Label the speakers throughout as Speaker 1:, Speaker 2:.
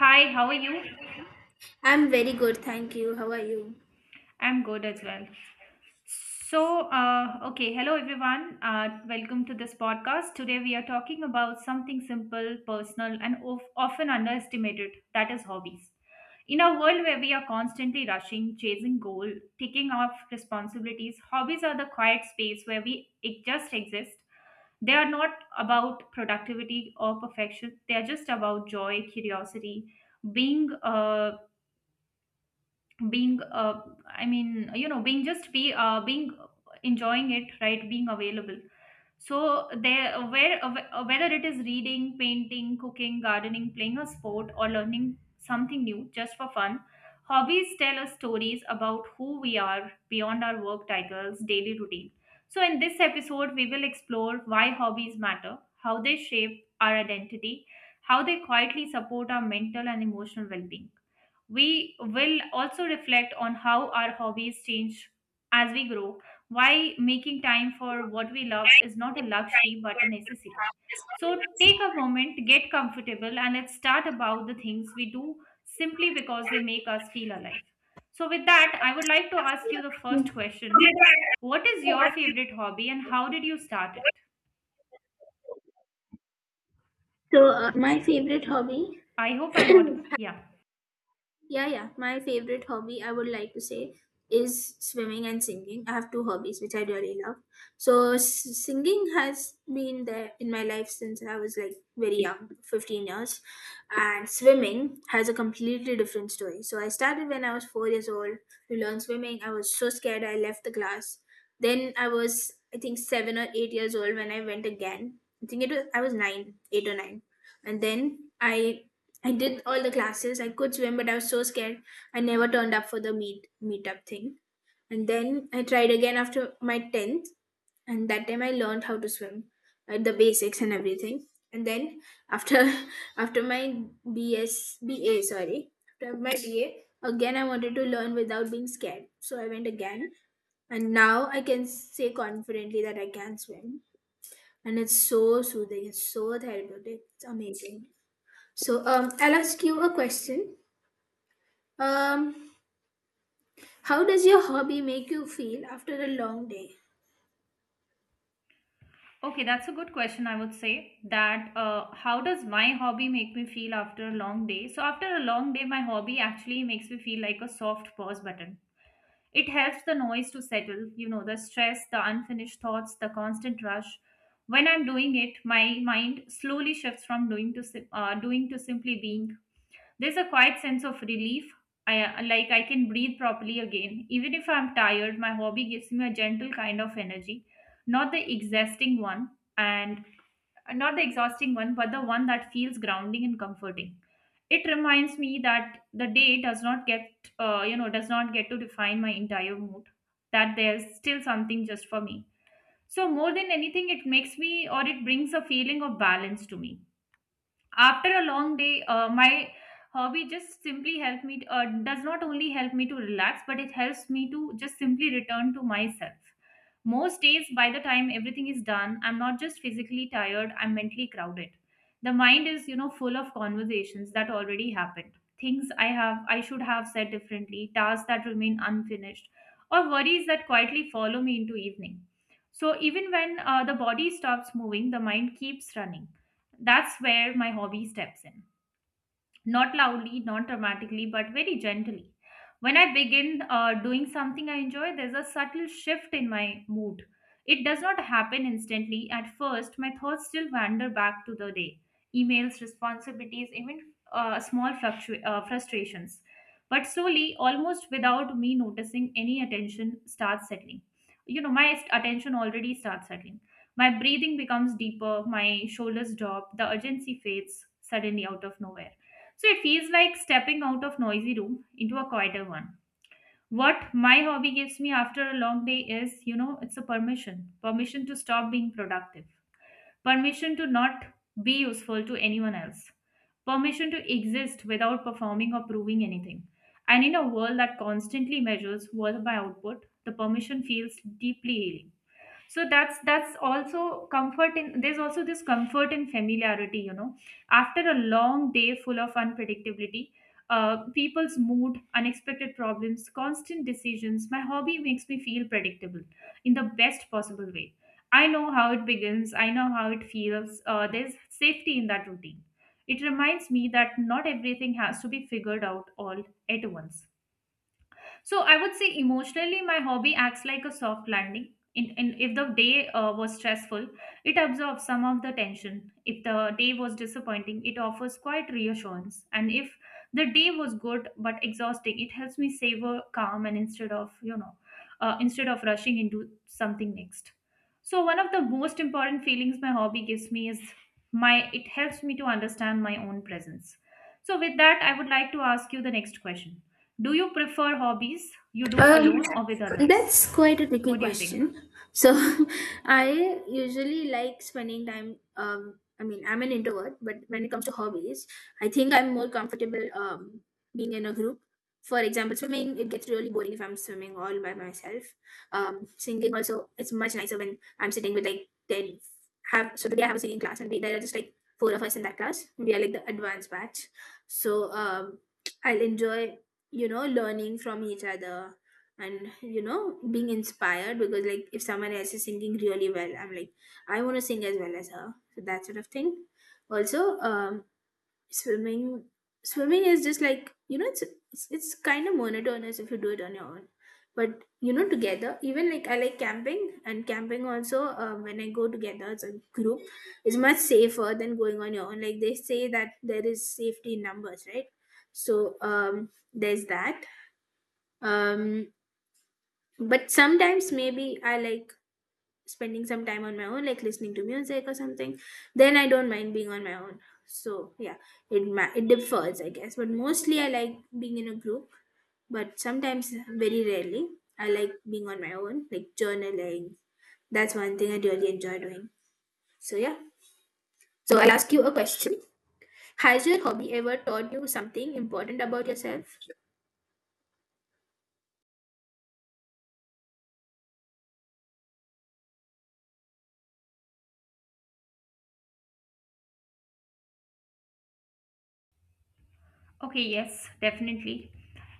Speaker 1: Hi, how are you?
Speaker 2: I'm very good, thank you. How are you?
Speaker 1: I'm good as well. Hello everyone. Welcome to this podcast. Today we are talking about something simple, personal, and often underestimated, that is, hobbies. In a world where we are constantly rushing, chasing goal, taking off responsibilities, hobbies are the quiet space where we it just exist. They are not about productivity or perfection. They are just about joy, curiosity, being being I mean you know being just be being enjoying it, right, being available. So there where whether it is reading, painting, cooking, gardening, playing a sport, or learning something new just for fun, hobbies tell us stories about who we are beyond our work titles, daily routine. So in this episode, we will explore why hobbies matter, how they shape our identity, how they quietly support our mental and emotional well-being. We will also reflect on how our hobbies change as we grow, why making time for what we love is not a luxury but a necessity. So take a moment, get comfortable, and let's start about the things we do simply because they make us feel alive. So, with that, I would like to ask you the
Speaker 2: Hmm.
Speaker 1: first question. What is your favorite hobby and how did you start it?
Speaker 2: My favorite hobby?
Speaker 1: I hope I'm audible. Yeah.
Speaker 2: Yeah, yeah. My favorite hobby, I would like to say, is swimming and singing. I have two hobbies which I really love. So, singing has been there in my life since I was like very young, 15 years. And swimming has a completely different story. So, I started when I was 4 years old to learn swimming. I was so scared, I left the class. Then, I was, I think, 7 or 8 years old when I went again. I think it was, I was nine, eight or nine. And then I did all the classes. I could swim, but I was so scared. I never turned up for the meetup thing. And then I tried again after my tenth, and that time I learned how to swim, the basics and everything. And then after after my BS, BA, sorry, after my BA again, I wanted to learn without being scared. So I went again, and now I can say confidently that I can swim, and it's so soothing. It's so therapeutic. It's amazing. So, I'll ask you a question. Um, how does your hobby make you feel after a long day?
Speaker 1: Okay, that's a good question. I would say that, how does my hobby make me feel after a long day? So, after a long day, my hobby actually makes me feel like a soft pause button. It helps the noise to settle, you know, the stress, the unfinished thoughts, the constant rush. When I'm doing it, my mind slowly shifts from doing to simply being. There's a quiet sense of relief. I Like, I can breathe properly again. Even if I'm tired, my hobby gives me a gentle kind of energy, not the exhausting one and not the exhausting one, but the one that feels grounding and comforting. It reminds me that the day does not get to define my entire mood. That there's still something just for me. So more than anything, it makes me, or it brings a feeling of balance to me after a long day. My hobby just simply does not only help me to relax, but it helps me to just simply return to myself. Most days, by the time everything is done, I'm not just physically tired, I'm mentally crowded. The mind is, you know, full of conversations that already happened, things I have I should have said differently, tasks that remain unfinished, or worries that quietly follow me into evening. So even when the body stops moving, the mind keeps running. That's where my hobby steps in, not loudly, not dramatically, but very gently. When I begin doing something I enjoy, there's a subtle shift in my mood. It does not happen instantly. At first, my thoughts still wander back to the day: emails, responsibilities, even frustrations. But slowly, almost without me noticing, any attention starts settling. You know, my attention already starts settling. My breathing becomes deeper, my shoulders drop, the urgency fades suddenly out of nowhere. So it feels like stepping out of noisy room into a quieter one. What my hobby gives me after a long day is, you know, it's a permission. Permission to stop being productive. Permission to not be useful to anyone else. Permission to exist without performing or proving anything. And in a world that constantly measures worth by output, the permission feels deeply healing. That's also comfort in there's also this comfort in familiarity, you know, after a long day full of unpredictability, people's mood, unexpected problems, constant decisions, my hobby makes me feel predictable in the best possible way. I know how it begins, I know how it feels. There's safety in that routine. It reminds me that not everything has to be figured out all at once. So I would say emotionally, my hobby acts like a soft landing. If the day was stressful, it absorbs some of the tension. If the day was disappointing, it offers quite reassurance. And if the day was good but exhausting, it helps me savor calm, and instead of, you know, instead of rushing into something next. So one of the most important feelings my hobby gives me is my. It helps me to understand my own presence. So, with that, I would like to ask you the next question. Do you prefer hobbies you do
Speaker 2: Um,
Speaker 1: alone or with others?
Speaker 2: that's quite a tricky
Speaker 1: What do you think?
Speaker 2: question. So, I usually like spending time. I mean, I'm an introvert, but when it comes to hobbies, I think I'm more comfortable being in a group. For example, swimming, it gets really boring if I'm swimming all by myself. Singing also, it's much nicer when I'm sitting with like 10. Today I have a singing class, and there are just like four of us in that class. We are like the advanced batch. So, I'll enjoy, learning from each other, and being inspired, because like if someone else is singing really well, I'm like, I want to sing as well as her, so that sort of thing. Also, swimming swimming is just like, you know, it's kind of monotonous if you do it on your own. But, you know, together, even like, I like camping, and camping also, when I go together as a group is much safer than going on your own, like they say that there is safety in numbers, right? So, there's that. Um but sometimes maybe I like spending some time on my own, like listening to music or something. Then I don't mind being on my own. So, yeah. It differs, I guess, but mostly I like being in a group. But sometimes, very rarely, I like being on my own, like journaling. That's one thing I really enjoy doing. So, yeah. So I will ask you a question. Has your hobby ever taught you something important about yourself?
Speaker 1: Okay, yes, definitely.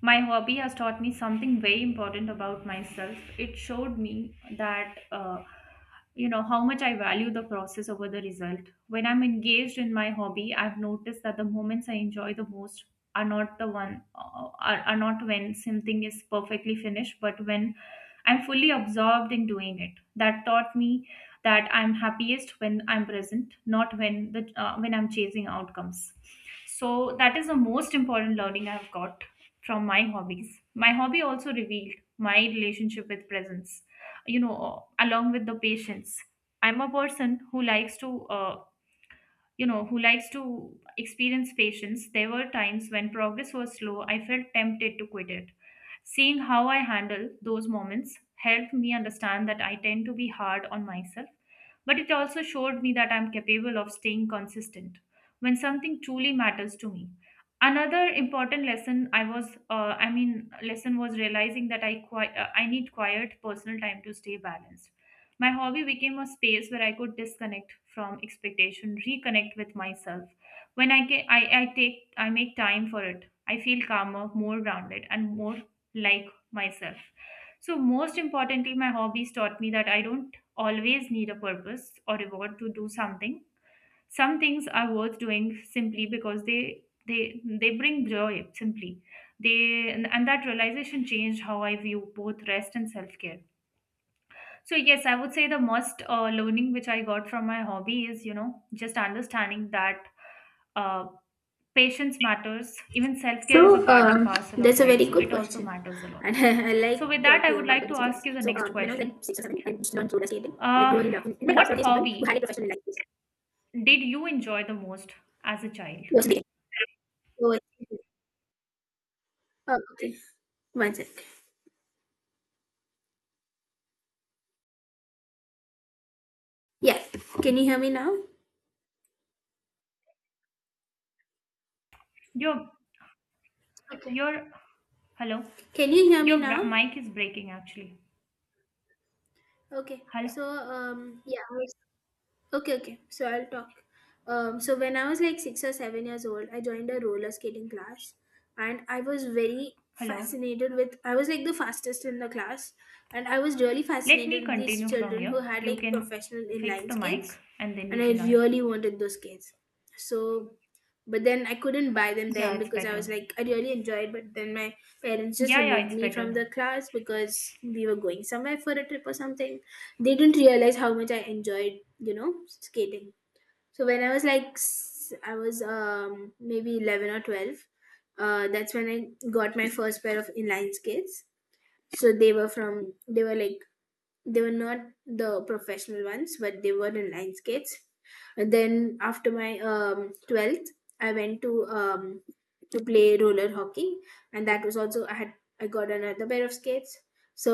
Speaker 1: My hobby has taught me something very important about myself. It showed me that, you know, how much I value the process over the result. When I'm engaged in my hobby, I've noticed that the moments I enjoy the most are not the one, are not when something is perfectly finished, but when I'm fully absorbed in doing it. That taught me that I'm happiest when I'm present, not when I'm chasing outcomes. So that is the most important learning I've got from my hobbies. My hobby also revealed my relationship with presence. You know, along with the patience. I'm a person who likes to you know, who likes to experience patience. There were times when progress was slow, I felt tempted to quit it. Seeing how I handle those moments helped me understand that I tend to be hard on myself, but it also showed me that I'm capable of staying consistent when something truly matters to me. Another important lesson I was, I mean, lesson was realizing that I need quiet personal time to stay balanced. My hobby became a space where I could disconnect from expectation, reconnect with myself. When I take, I make time for it, I feel calmer, more grounded, and more like myself. So most importantly, my hobbies taught me that I don't always need a purpose or reward to do something. Some things are worth doing simply because they bring joy simply. They And that realization changed how I view both rest and self-care. So yes, I would say the most learning which I got from my hobby is, you know, just understanding that uh, patience matters. Even self care is a
Speaker 2: So,
Speaker 1: part and parcel of
Speaker 2: that's a
Speaker 1: life,
Speaker 2: very
Speaker 1: so
Speaker 2: good
Speaker 1: it also
Speaker 2: question,
Speaker 1: matters a lot.
Speaker 2: and I,
Speaker 1: So with
Speaker 2: like
Speaker 1: that, I
Speaker 2: talking
Speaker 1: would
Speaker 2: about the
Speaker 1: like to
Speaker 2: things in
Speaker 1: ask
Speaker 2: life.
Speaker 1: you the
Speaker 2: So,
Speaker 1: next
Speaker 2: when I was like
Speaker 1: question.
Speaker 2: six or seven, I just learned roller skating, and I
Speaker 1: Uh,
Speaker 2: really loved it. In my class,
Speaker 1: what
Speaker 2: there were these people who had a
Speaker 1: hobby
Speaker 2: professional like this. It
Speaker 1: did you enjoy the most as a child?
Speaker 2: was big. So, oh, okay. One sec. Yeah. Can you hear me now?
Speaker 1: Your
Speaker 2: Okay.
Speaker 1: your hello,
Speaker 2: Can you hear me
Speaker 1: your
Speaker 2: now?
Speaker 1: mic is breaking actually.
Speaker 2: Okay.
Speaker 1: Hello,
Speaker 2: So, yeah. Okay, okay. So I'll talk. So when I was like 6 or 7 years old, I joined a roller skating class, and I was very
Speaker 1: hello.
Speaker 2: fascinated with. I was like the fastest in the class, and I was really
Speaker 1: Let
Speaker 2: fascinated
Speaker 1: me
Speaker 2: with these
Speaker 1: continue from
Speaker 2: children
Speaker 1: here.
Speaker 2: who had
Speaker 1: You
Speaker 2: like
Speaker 1: can
Speaker 2: professional
Speaker 1: fix
Speaker 2: inline
Speaker 1: the mic
Speaker 2: skates,
Speaker 1: and then you
Speaker 2: and I
Speaker 1: can. uh,
Speaker 2: really wanted those skates. So, but then I couldn't buy them
Speaker 1: Yeah,
Speaker 2: then
Speaker 1: it's
Speaker 2: because I was
Speaker 1: better.
Speaker 2: like I really enjoyed, but then my parents just
Speaker 1: Yeah,
Speaker 2: removed
Speaker 1: it's
Speaker 2: me from
Speaker 1: better.
Speaker 2: the class because we were going somewhere for a trip or something. They didn't realize how much I enjoyed, you know, skating. So when I was like, I was maybe 11 or 12, that's when I got my first pair of inline skates. So they were from, they were like, they were not the professional ones, but they were in line skates. And then after my 12th, I went to play roller hockey. And that was also, I got another pair of skates. So,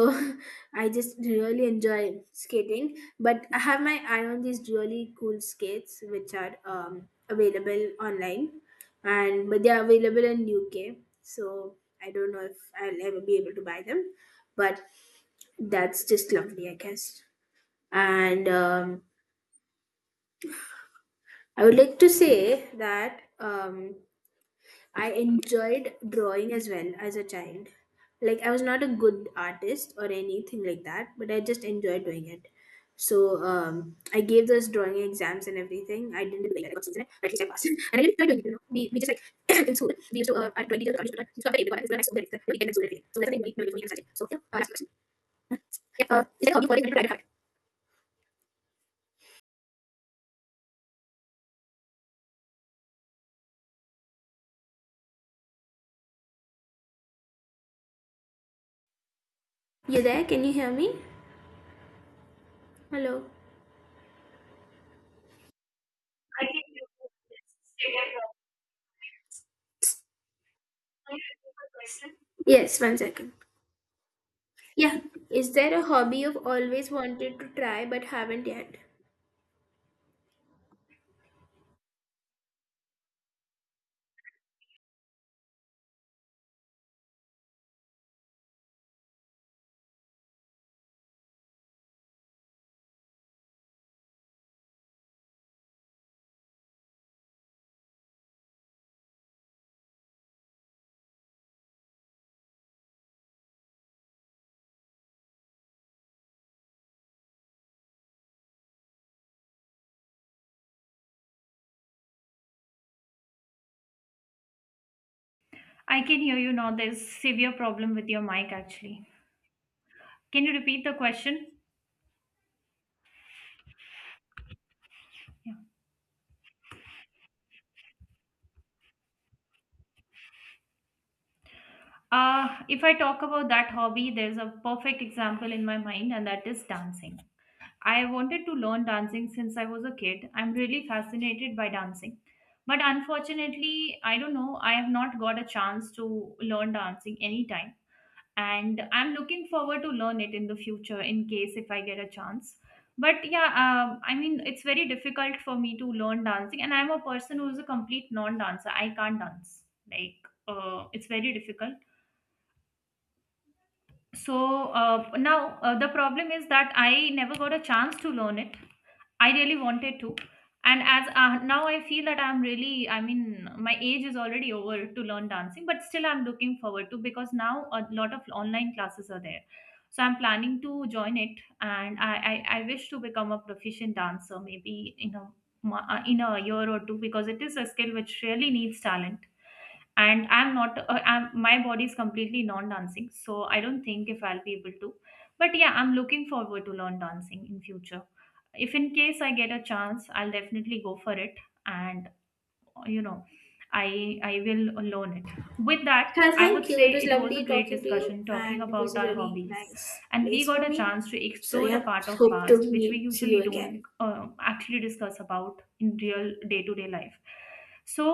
Speaker 2: I just really enjoy skating, but I have my eye on these really cool skates which are available online, and but they are available in UK. So I don't know if I'll ever be able to buy them. But that's just lovely, I guess. And I would like to say that I enjoyed drawing as well as a child. Like, I was not a good artist or anything like that, but I just enjoyed doing it. So, I gave those drawing exams and everything. I didn't really like that, I got C's in it, but at least I passed. And I didn't try doing it. We just like in school, we used to our twenty teacher was always to try to stop the next day, the weekend and school everything. So, that's the we decided. So, yeah, last question. Yeah, is there a hobby for you? Can you try to have. You there? Can you hear me? Hello. Yes, one second. Yeah. Is there a hobby you've always wanted to try but haven't yet?
Speaker 1: I can hear you now. There's severe problem with your mic actually. Can you repeat the question? Yeah. If I talk about that hobby, there's a perfect example in my mind, and that is dancing. I wanted to learn dancing since I was a kid. I'm really fascinated by dancing. But unfortunately, I don't know, I have not got a chance to learn dancing anytime. And I'm looking forward to learn it in the future in case if I get a chance. But yeah, I mean, it's very difficult for me to learn dancing, and I'm a person who's a complete non-dancer, I can't dance, like it's very difficult. So now the problem is that I never got a chance to learn it. I really wanted to. And as, now I feel that I'm really, I mean, my age is already over to learn dancing, but still I'm looking forward to, because now a lot of online classes are there. So I'm planning to join it, and I wish to become a proficient dancer maybe in a, in a year or two, because it is a skill which really needs talent, and I'm not I'm, my body is completely non-dancing, so I don't think if I'll be able to. But yeah, I'm looking forward to learn dancing in future. If in case I get a chance, I'll definitely go for it. And you know, I will loan it. With that, I would
Speaker 2: Thank you.
Speaker 1: say
Speaker 2: It was
Speaker 1: it was a
Speaker 2: lovely
Speaker 1: great
Speaker 2: talking to you,
Speaker 1: discussion talking
Speaker 2: and it was
Speaker 1: about
Speaker 2: a
Speaker 1: our
Speaker 2: really
Speaker 1: hobbies,
Speaker 2: nice
Speaker 1: and we
Speaker 2: place
Speaker 1: got
Speaker 2: for
Speaker 1: a
Speaker 2: me.
Speaker 1: chance to
Speaker 2: So,
Speaker 1: explore the
Speaker 2: yeah,
Speaker 1: part of
Speaker 2: hope to
Speaker 1: past which we
Speaker 2: meet, see
Speaker 1: usually
Speaker 2: you
Speaker 1: don't
Speaker 2: again.
Speaker 1: actually discuss about in real day-to-day life. so